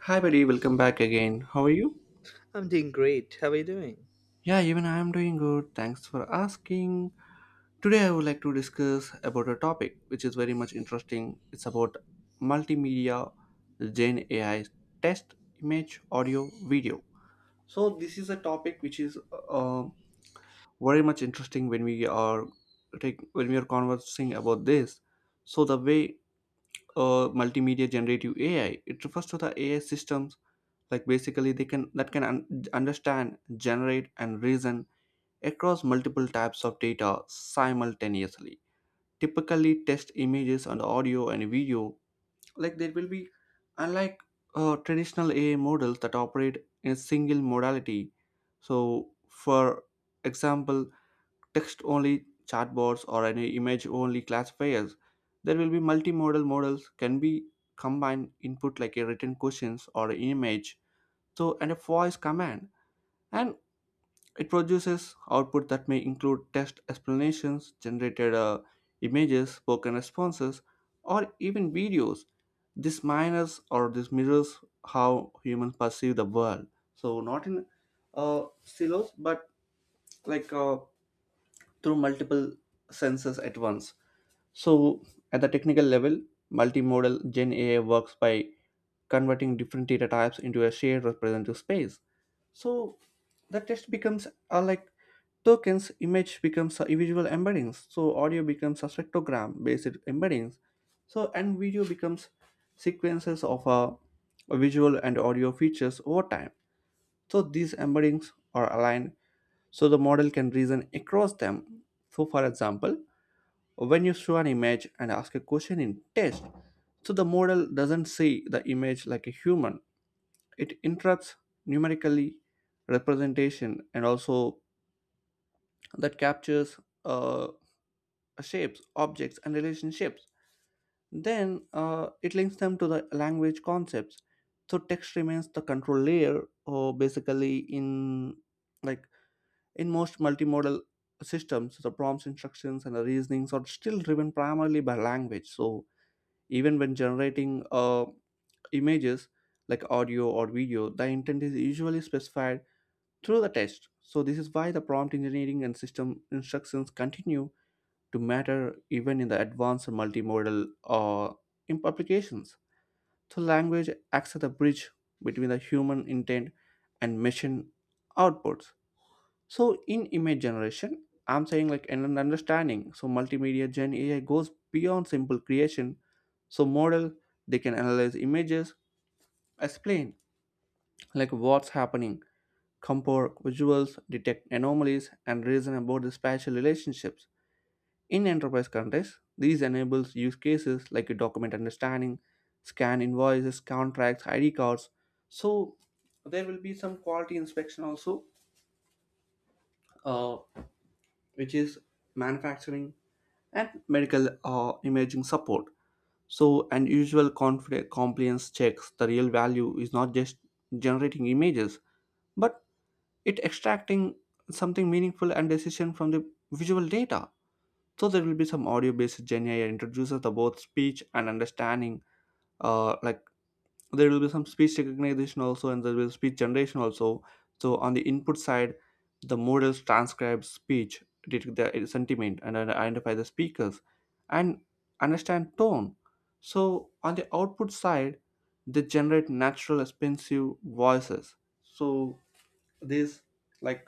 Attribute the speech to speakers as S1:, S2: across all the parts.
S1: Hi, buddy. Welcome back again. How are you?
S2: I'm doing great. How are you doing?
S1: Yeah, even I am doing good. Thanks for asking. Today, I would like to discuss about a topic which is very much interesting. It's about multimedia, Gen AI, text, image, audio, video. So this is a topic which is uh, very much interesting when when we are conversing about this. So the way multimedia generative AI, it refers to the AI systems, like basically they can that can un- understand, generate, and reason across multiple types of data simultaneously, typically text, images, and audio and video. Like there will be, unlike traditional ai models that operate in a single modality. So for example, text only chatbots or any image only classifiers, there will be multimodal models can be combined input like a written questions or an image, so and a voice command, and it produces output that may include text explanations, generated images, spoken responses, or even videos. This minors or this mirrors how humans perceive the world, so not in silos but like uh, through multiple senses at once. So at the technical level, multimodal Gen AI works by converting different data types into a shared representative space. So the text becomes like tokens, image becomes a visual embeddings, so audio becomes a spectrogram based embeddings, so and video becomes sequences of visual and audio features over time. So these embeddings are aligned so the model can reason across them. So for example, when you show an image and ask a question in text, so the model doesn't see the image like a human. It interrupts numerically representation and also that captures shapes, objects, and relationships. Then it links them to the language concepts. So text remains the control layer, or basically in, like, in most multimodal systems, the prompts, instructions, and the reasonings are still driven primarily by language. So even when generating images, like audio or video, the intent is usually specified through the text. So this is why the prompt engineering and system instructions continue to matter even in the advanced multimodal applications. So language acts as a bridge between the human intent and machine outputs. So in image generation, I'm saying like and an understanding. So multimedia gen AI goes beyond simple creation. So model, they can analyze images, explain like what's happening, compare visuals, detect anomalies, and reason about the spatial relationships. In enterprise context, these enables use cases like a document understanding, scan invoices, contracts, ID cards. So there will be some quality inspection also, uh, which is manufacturing and medical imaging support. So unusual compliance checks, the real value is not just generating images, but it extracting something meaningful and decision from the visual data. So there will be some audio based Gen AI introduces the both speech and understanding, like there will be some speech recognition also, and there will be speech generation also. So on the input side, the models transcribe speech, detect the sentiment, and identify the speakers and understand tone. So on the output side, they generate natural expensive voices. So these, like,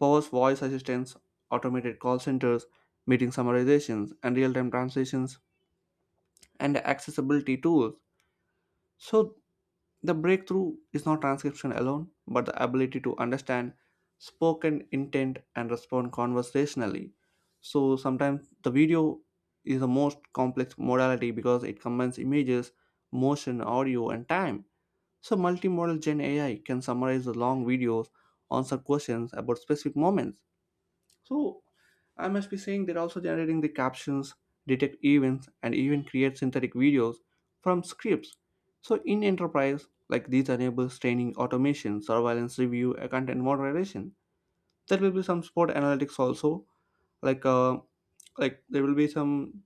S1: powers voice assistants, automated call centers, meeting summarizations and real-time translations, and accessibility tools. So the breakthrough is not transcription alone, but the ability to understand spoken intent and respond conversationally. So sometimes the video is the most complex modality because it combines images, motion, audio, and time. So multimodal Gen AI can summarize the long videos, answer questions about specific moments. So I must be saying they're also generating the captions, detect events, and even create synthetic videos from scripts. So in enterprise, like these enables training, automation, surveillance review, content moderation. There will be some sport analytics also, like uh, like there will be some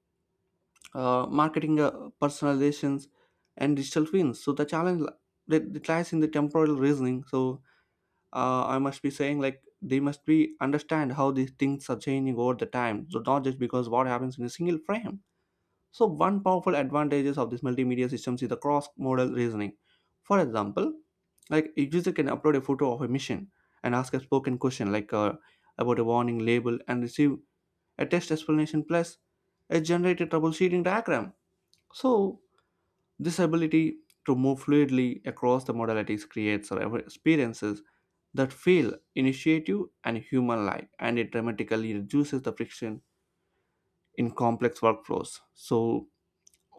S1: marketing personalizations and digital twins. So the challenge that lies in the temporal reasoning. So I must be saying like they must be understand how these things are changing over the time. So not just because what happens in a single frame. So one powerful advantages of these multimedia systems is the cross-modal reasoning. For example, like a user can upload a photo of a mission and ask a spoken question like about a warning label and receive a text explanation plus a generated troubleshooting diagram. So this ability to move fluidly across the modalities creates our experiences that feel initiative and human like, and it dramatically reduces the friction in complex workflows. So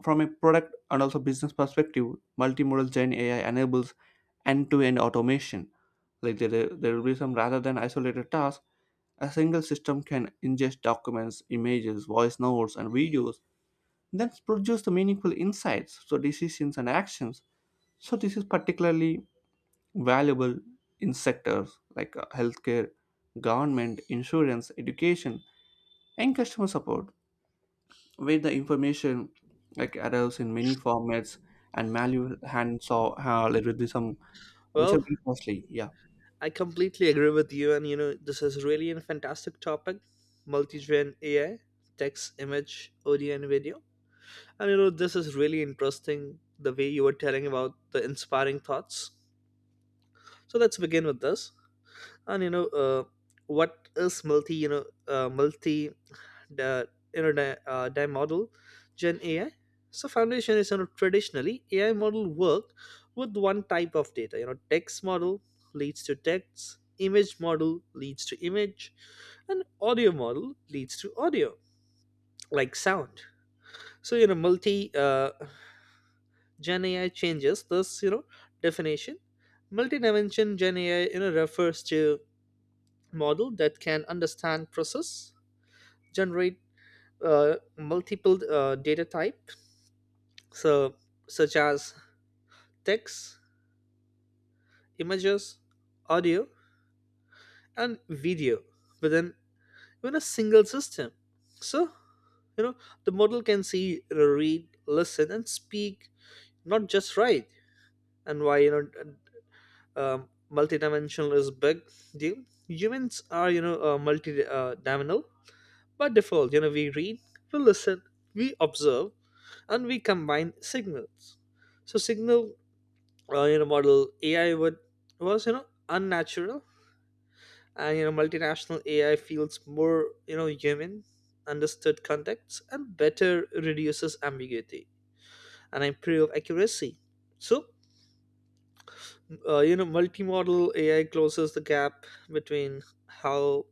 S1: from a product and also business perspective, multimodal Gen AI enables end to end automation. Like there will be some, rather than isolated tasks, a single system can ingest documents, images, voice notes, and videos, then produce the meaningful insights, so decisions and actions. So this is particularly valuable in sectors like healthcare, government, insurance, education, and customer support, where the information, like, arrives in many formats and manual hand saw like, with some, which are
S2: Well,
S1: very costly. Yeah,
S2: I completely agree with you, and this is really a fantastic topic, multi gen AI, text, image, audio, and video. And this is really interesting the way you were telling about the inspiring thoughts. So let's begin with this. And you know what is multi you know multi the you know di, di model gen ai. So foundation is, traditionally ai model work with one type of data, text model leads to text, image model leads to image, and audio model leads to audio, like sound. So you know multi uh, gen ai changes this, definition. Multi-dimension gen ai, refers to model that can understand, process, generate multiple data type, so such as text, images, audio, and video within within a single system. So, you know the model can see, read, listen, and speak, not just write. And why, multidimensional is big deal. Humans are, multi dimensional by default, we read, we listen, we observe, and we combine signals. So signal model AI would was, unnatural, and multinational AI feels more, human, understood context, and better reduces ambiguity and improve accuracy. So multimodal AI closes the gap between how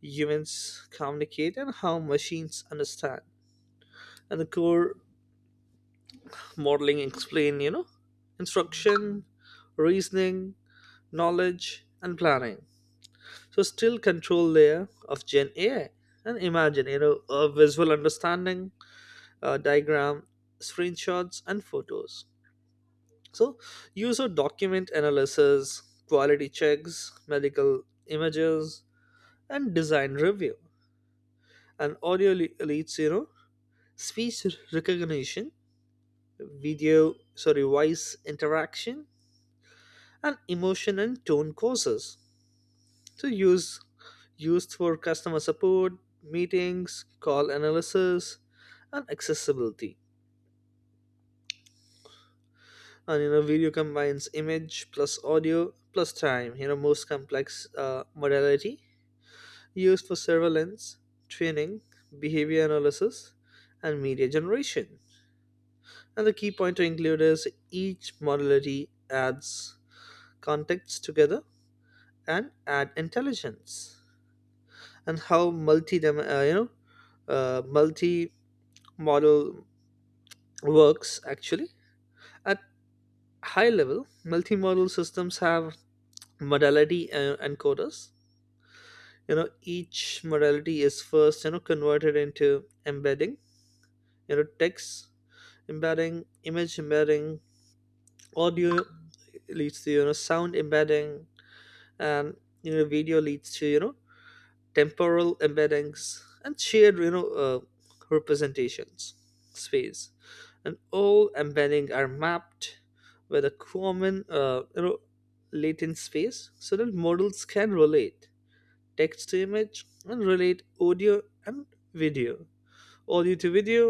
S2: humans communicate and how machines understand. And the core modeling explain, instruction, reasoning, knowledge, and planning, so still control layer of gen ai. And imagine, a visual understanding, diagram, screenshots, and photos. So user document analysis, quality checks, medical images, and design review. And audio leads, speech recognition, video, sorry, voice interaction, and emotion and tone, causes to use, used for customer support, meetings, call analysis, and accessibility. And video combines image plus audio plus time. You know, most complex modality, used for surveillance, training, behavior analysis, and media generation. And the key point to include is each modality adds contexts together and add intelligence. And how you know, multi model works actually. At high level, multimodal systems have modality encoders. You know, each modality is first, converted into embedding. You know, text embedding, image embedding, audio leads to, sound embedding, and, video leads to, temporal embeddings, and shared, representations space. And all embedding are mapped with a common, latent space so that models can relate text to image, and relate audio and video, audio to video,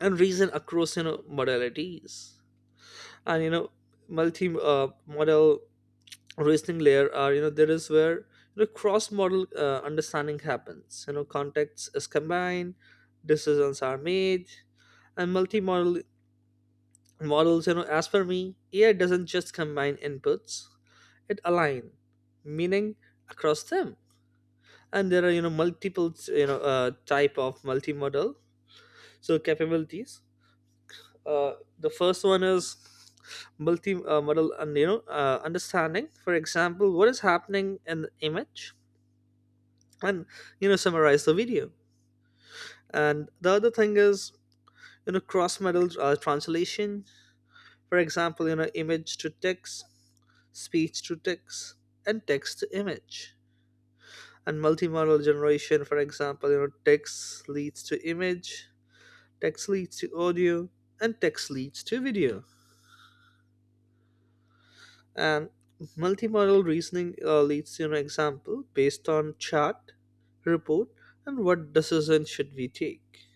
S2: and reason across, modalities. And, multi model reasoning layer are, there is where, cross model understanding happens. You know, context is combined, decisions are made. And multi-model models, as for me ai doesn't just combine inputs, it align meaning across them. And there are, multiple, type of multimodal, so capabilities. uh, the first one is multi model and, understanding, for example what is happening in the image, and, summarize the video. And the other thing is, cross modal translation, for example, image to text, speech to text, and text to image. And multimodal generation, for example, text leads to image, text leads to audio, and text leads to video. And multimodal reasoning leads to an example based on chart report, and what decision should we take.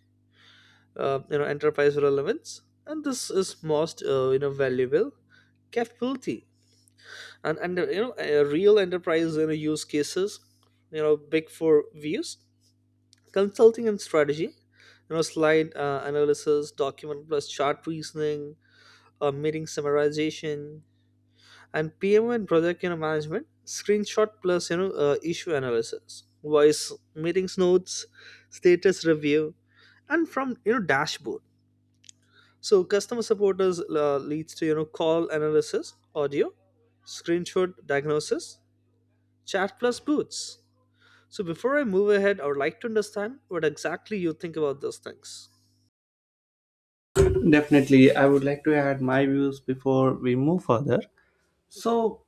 S2: Enterprise relevance, and this is most, valuable capability. And real enterprise, use cases, big four views, consulting and strategy, slide analysis, document plus chart reasoning, meeting summarization, and pm and project, management, screenshot plus, issue analysis, voice meetings notes, status review, and from, dashboard. So customer support is leads to, call analysis, audio, screenshot diagnosis, chat plus boots. So before I move ahead, I would like to understand what exactly you think about those things.
S1: definitely. I would like to add my views before we move further. So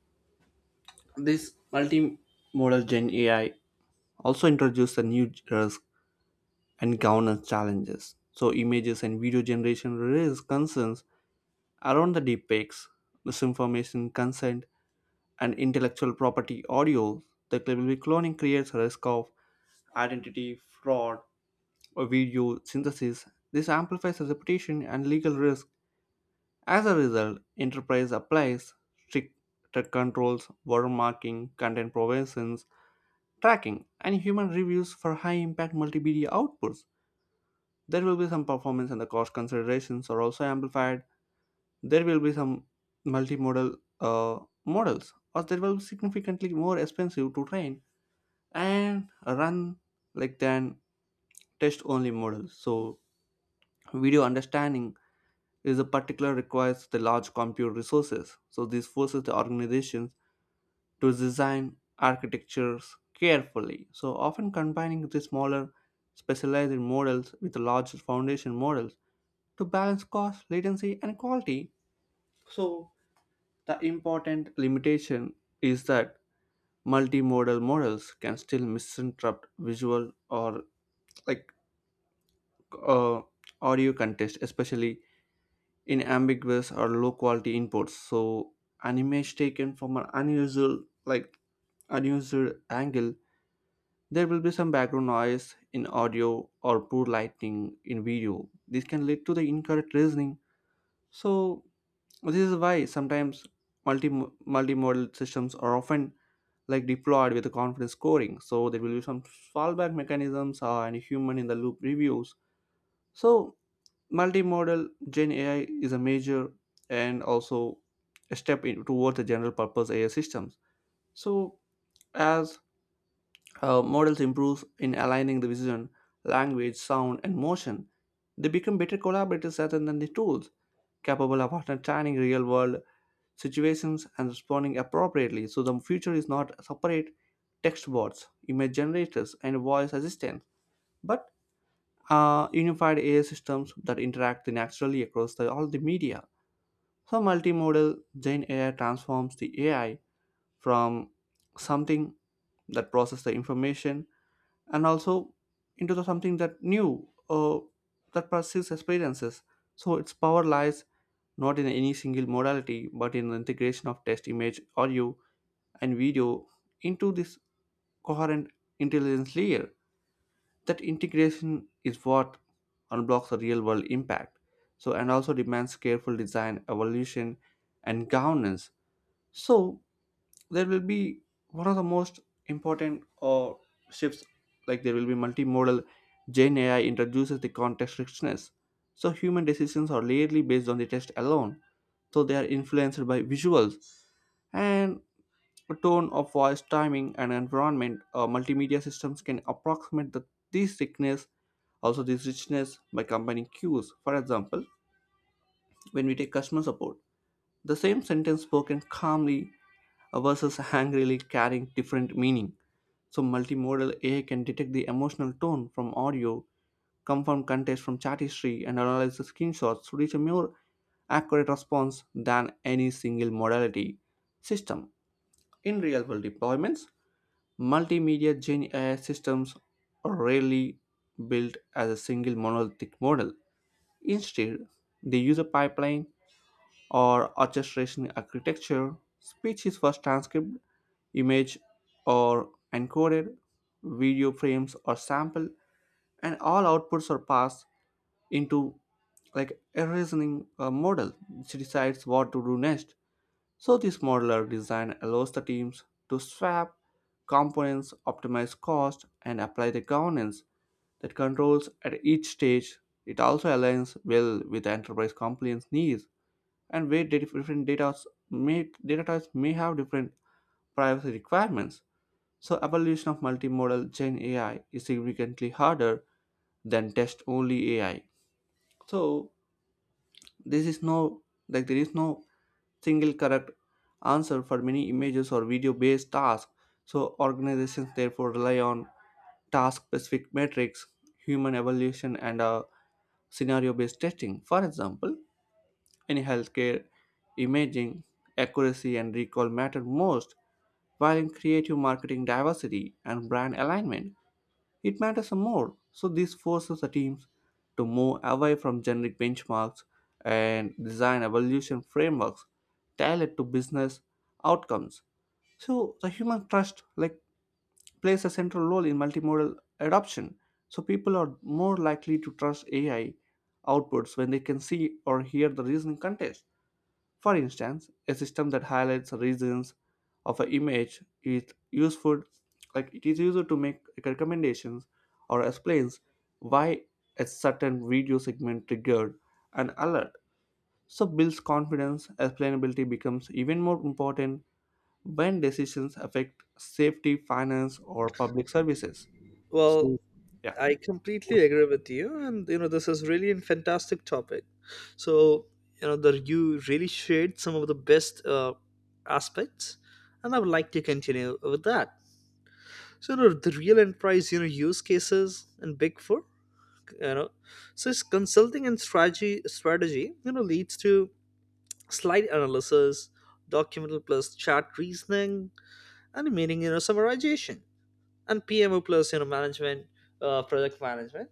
S1: this multimodal Gen AI also introduced a new risk and governance challenges. So images and video generation raise concerns around the deepfakes, misinformation, consent, and intellectual property audio, the cloning creates a risk of identity, fraud, or video synthesis. This amplifies reputation and legal risk. As a result, enterprise applies stricter controls, watermarking, content provisions, tracking, and human reviews for high impact multimedia outputs. There will be some performance and the cost considerations are also amplified. There will be some multimodal models, or they will be significantly more expensive to train and run, like, than test only models. So video understanding is a particular requires the large compute resources. So this forces the organizations to design architectures carefully, so often combining the smaller specialized models with the large foundation models to balance cost, latency, and quality. So the important limitation is that multimodal models can still misinterpret visual or, like, uh, audio context, especially in ambiguous or low quality inputs. So an image taken from an unusual, like, unusual angle, there will be some background noise in audio or poor lighting in video. This can lead to the incorrect reasoning. So this is why sometimes multimodal systems are often, like, deployed with a confidence scoring. So there will be some fallback mechanisms and human in the loop reviews. So multimodal Gen AI is a major and also a step in, towards the general purpose AI systems. So as models improve in aligning the vision, language, sound, and motion, they become better collaborators rather than the tools capable of understanding real world situations and responding appropriately. So the future is not separate text bots, image generators, and voice assistants, but unified AI systems that interact naturally across the, all the media. So multimodal Gen AI transforms the AI from something that processes the information and also into the something that new that pursues experiences. So its power lies not in any single modality, but in the integration of text, image, audio, and video into this coherent intelligence layer. That integration is what unblocks the real world impact. So, and also demands careful design, evolution, and governance. So there will be one of the most important shifts, like there will be multimodal gen ai introduces the context richness. So human decisions are rarely based on the text alone, so they are influenced by visuals and tone of voice, timing, and environment. Multimedia systems can approximate the, this thickness, also this richness, by combining cues. For example, when we take customer support, the same sentence spoken calmly versus angrily carrying different meaning. So multimodal AI can detect the emotional tone from audio, confirm context from chat history, and analyze the screenshots to reach a more accurate response than any single modality system. In real world deployments, multimedia Gen AI systems are rarely built as a single monolithic model. Instead, they use a pipeline or orchestration architecture. Speech is first transcribed, image or encoded, video frames or sample, and all outputs are passed into like a reasoning model which decides what to do next. So this modular design allows the teams to swap components, optimize cost, and apply the governance that controls at each stage. It also aligns well with enterprise compliance needs, and where different data may data types may have different privacy requirements. So evaluation of multimodal Gen AI is significantly harder than test only AI. So this is no, like there is no single correct answer for many images or video based tasks. So organizations therefore rely on task specific metrics, human evaluation, and scenario based testing. For example, in healthcare, imaging, accuracy, and recall matter most, while in creative marketing, diversity and brand alignment, it matters more. So this forces the teams to move away from generic benchmarks and design evaluation frameworks tailored to business outcomes. So the human trust like plays a central role in multimodal adoption. So people are more likely to trust AI outputs when they can see or hear the reasoning context. For instance, a system that highlights regions of an image is useful, like it is used to make recommendations or explains why a certain video segment triggered an alert. So builds confidence, explainability becomes even more important when decisions affect safety, finance, or public services.
S2: Well,
S1: So yeah,
S2: I completely agree with you, and this is really a fantastic topic. So that you really shared some of the best aspects, and I would like to continue with that. So the real enterprise, use cases, and Big Four, you know so it's consulting and strategy, leads to slide analysis, documental plus chart reasoning, and meaning, summarization, and pmo plus, management, project management,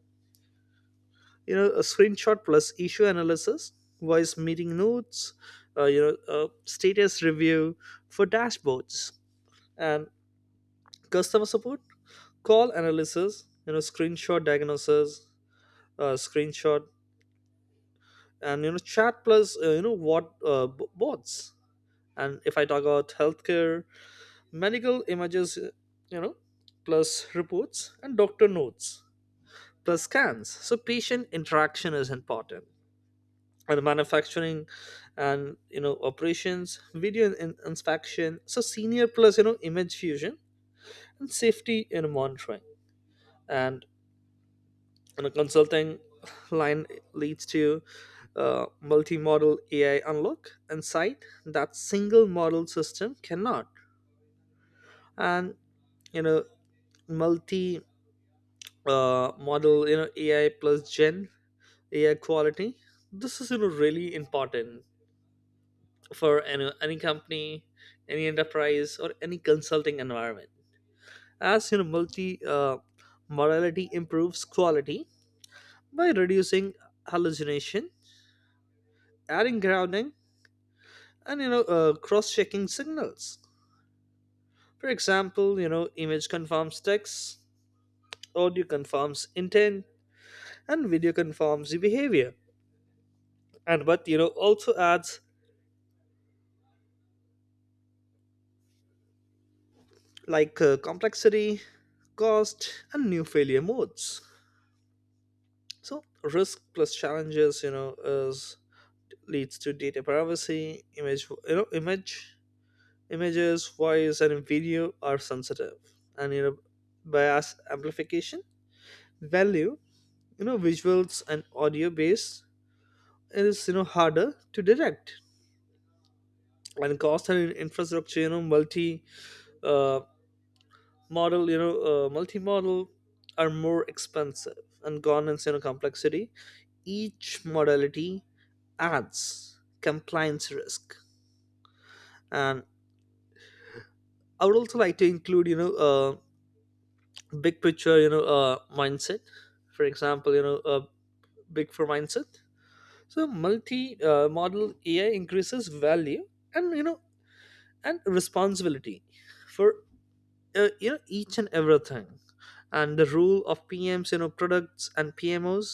S2: a screenshot plus issue analysis, voice meeting notes, status review for dashboards, and customer support, call analysis, screenshot diagnosis, screenshot, and, chat plus, bots. And if I talk about healthcare, medical images, you know plus reports, and doctor notes plus scans, so patient interaction is important. And manufacturing, and, operations, video inspection, so senior plus, image fusion, and safety in monitoring. And and a consulting line leads to multi-model AI unlock and sight that single model system cannot. And, you know, multi model, AI plus Gen AI quality. This is, really important for any company, any enterprise, or any consulting environment. As you know, multi modality improves quality by reducing hallucination, adding grounding, and, cross-checking signals. For example, image confirms text, audio confirms intent, and video confirms the behavior. And but, also adds, complexity, cost, and new failure modes. So risk plus challenges, is leads to data privacy, image you know image images, voice, and video are sensitive. And, bias amplification value, visuals and audio based is, harder to direct. And cost and infrastructure, uh, multi model are more expensive. And governance, complexity, each modality adds compliance risk. And I would also like to include, big picture, mindset. For example, big for mindset. So multi model ai increases value, and, and responsibility for, each and everything. And the role of pms, products and pmos.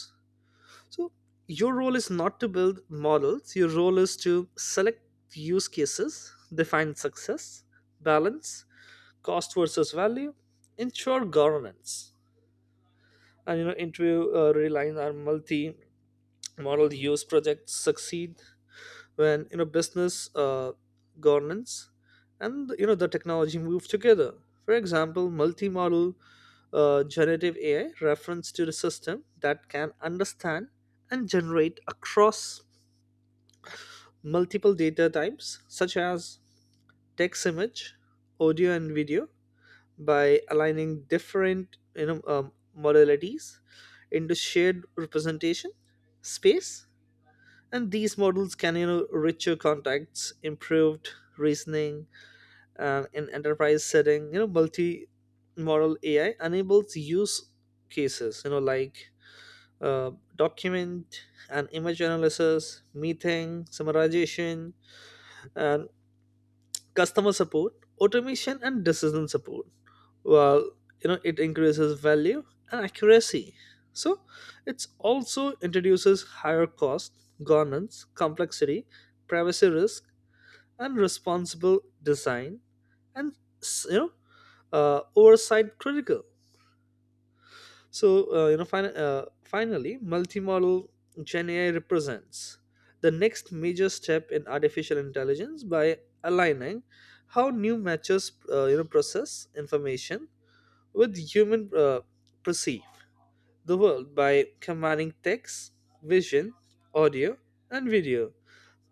S2: So your role is not to build models, your role is to select use cases, define success, balance cost versus value, ensure governance, and, interview realign our multi model use projects succeed when, business, governance, and, the technology move together. For example, multimodal generative ai reference to the system that can understand and generate across multiple data types such as text, image, audio, and video, by aligning different, modalities into shared representation space. And these models can, richer contexts, improved reasoning. And in enterprise setting, multi model ai enables use cases, uh, document and image analysis, meeting summarization, and customer support automation, and decision support. While, it increases value and accuracy, so it also introduces higher cost, governance complexity, privacy risk, and responsible design, and s- you know oversight critical. So, uh, you know fin- uh, finally, multimodal gen ai represents the next major step in artificial intelligence by aligning how new matches, process information with human, perceive the world. By combining text, vision, audio, and video,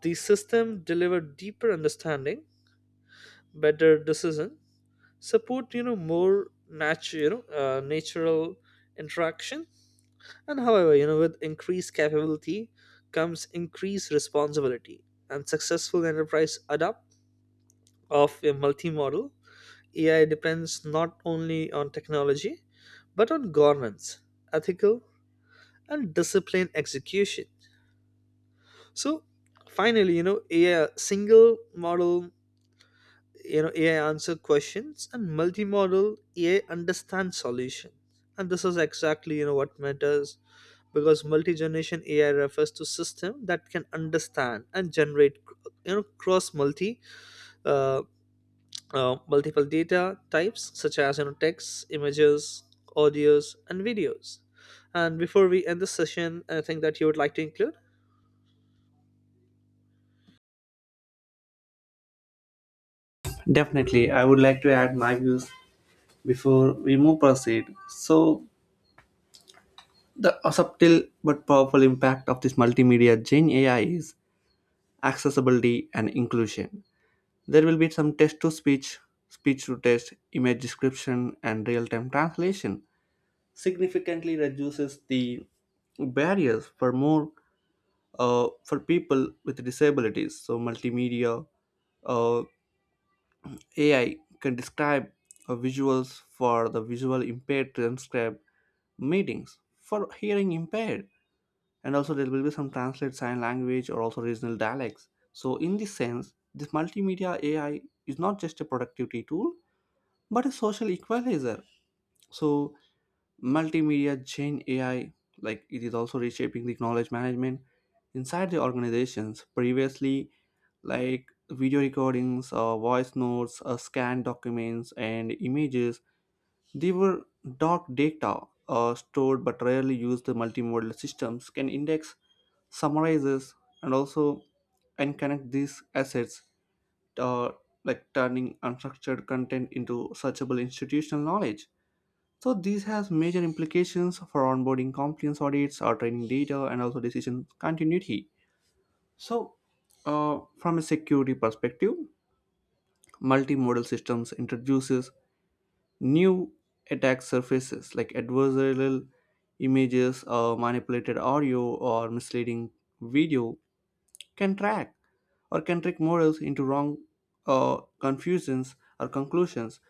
S2: the system deliver, deeper understanding, better decision support, more natural, natural interaction. And however, with increased capability comes increased responsibility, and successful enterprise adopt of a multimodal ai depends not only on technology, but on governance, ethical, and discipline execution. So finally, a single model, ai answer questions, and multimodal ai understands solution, and this is exactly, what matters. Because multi-generation ai refers to system that can understand and generate, cross uh, multiple data types, such as, text, images, audios, and videos. And before we end the session, anything that you would like to include?
S1: definitely I would like to add my views before we move proceed. So the subtle but powerful impact of this multimedia Gen AI is accessibility and inclusion. There will be some text to speech, speech to text, image description, and real time translation. Significantly reduces the barriers for more for people with disabilities. So multimedia uh, AI can describe visuals for the visual impaired, transcribe meetings for hearing impaired, and also there will be some translate sign language or also regional dialects. So in this sense this multimedia AI is not just a productivity tool but a social equalizer. So multimedia Gen AI, like, it is also reshaping the knowledge management inside the organizations. Previously, like, video recordings or voice notes, scanned documents and images, they were dark data, stored but rarely used. The multimodal systems can index, summarizes, and also and connect these assets, uh, like turning unstructured content into searchable institutional knowledge. So this has major implications for onboarding compliance audits, or training data, and also decision continuity. So, from a security perspective, multimodal systems introduces new attack surfaces like adversarial images, manipulated audio, or misleading video can track or can trick models into wrong confusions or conclusions.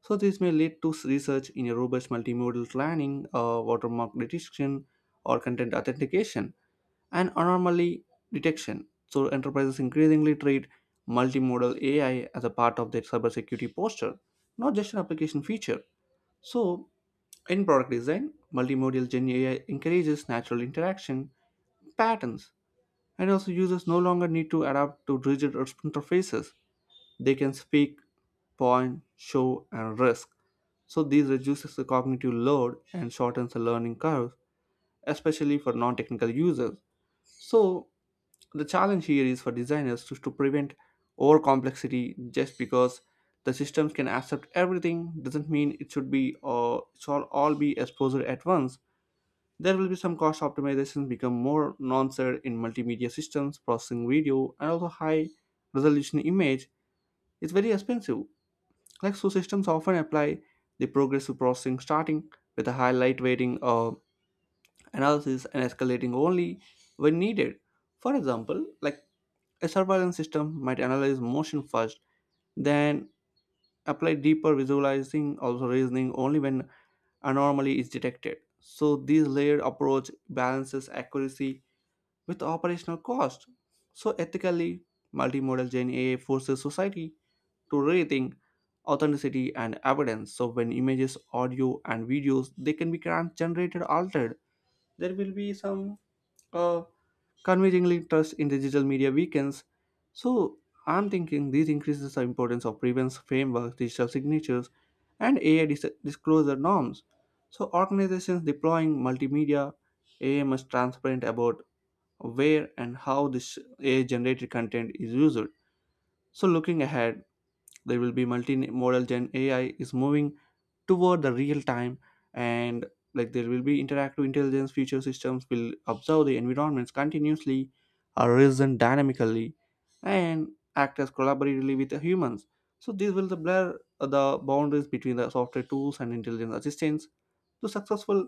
S1: So this may lead to research in a robust multimodal planning, watermark detection, or content authentication and anomaly detection. So enterprises increasingly treat multimodal AI as a part of their cybersecurity posture, not just an application feature. So, in product design, multimodal Gen AI encourages natural interaction patterns, and also users no longer need to adapt to rigid interfaces. They can speak, point, show, and risk. So these reduces the cognitive load and shortens the learning curve, especially for non-technical users. So the challenge here is for designers to prevent over complexity, just because the systems can accept everything doesn't mean it should be it shall all be exposed at once. There will be some cost optimizations become more nuanced in multimedia systems, processing video, and also high resolution image is very expensive. Like so systems often apply the progressive processing, starting with a high light weighting analysis and escalating only when needed. For example, like a surveillance system might analyze motion first, then apply deeper visualizing, also reasoning only when anomaly is detected. So this layered approach balances accuracy with operational cost. So ethically, multimodal Gen AI forces society to rethink authenticity and evidence. So when images, audio, and videos they can be generated altered, there will be some uh, convincingly trust in digital media weakens. So I'm thinking this increases the importance of prevents frameworks, digital signatures, and AI disclosure norms. So organizations deploying multimedia AI must transparent about where and how this AI generated content is used. So looking ahead, there will be multi-modal gen AI is moving toward the real time, and like there will be interactive intelligence. Future systems will observe the environments continuously or reason dynamically and act as collaboratively with the humans. So this will the blur the boundaries between the software tools and intelligence assistance. The successful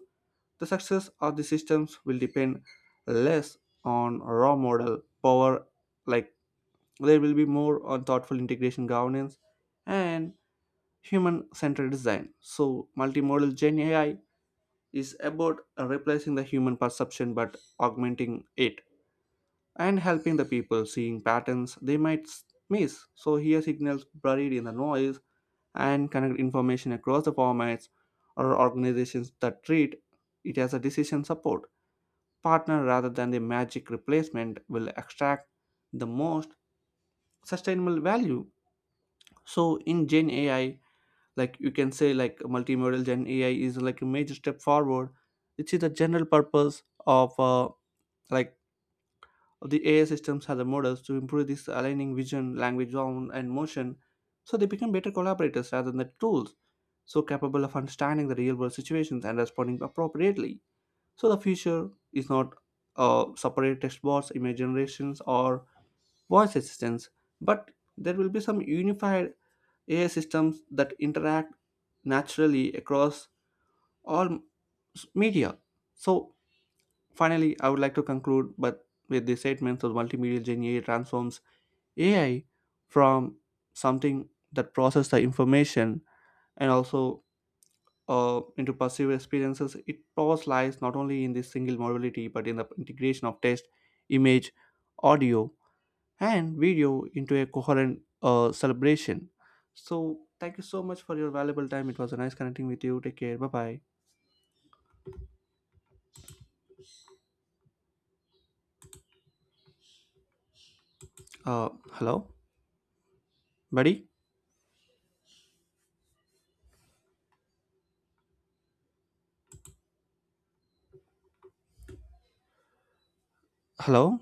S1: the success of the systems will depend less on raw model power, like there will be more on thoughtful integration governance and human-centered design. So multimodal Gen AI is about replacing the human perception but augmenting it and helping the people seeing patterns they might miss. So here signals buried in the noise and connect information across the formats or organizations that treat it as a decision support partner rather than the magic replacement will extract the most sustainable value. So in Gen AI, like you can say like multimodal gen AI is like a major step forward, which is the general purpose of like the AI systems are the models to improve this aligning vision language sound and motion, so they become better collaborators rather than the tools, so capable of understanding the real world situations and responding appropriately. So the future is not separate text bots, image generations, or voice assistants, but there will be some unified AI systems that interact naturally across or media. So finally, I would like to conclude but with the statement that multimedia Gen AI transforms AI from something that processes the information and also into perceived experiences. It powers lies not only in this single modality but in the integration of text, image, audio, and video into a coherent celebration. So thank you so much for your valuable time. It was a nice connecting with you. Take care. Bye bye. Hello, buddy. Hello?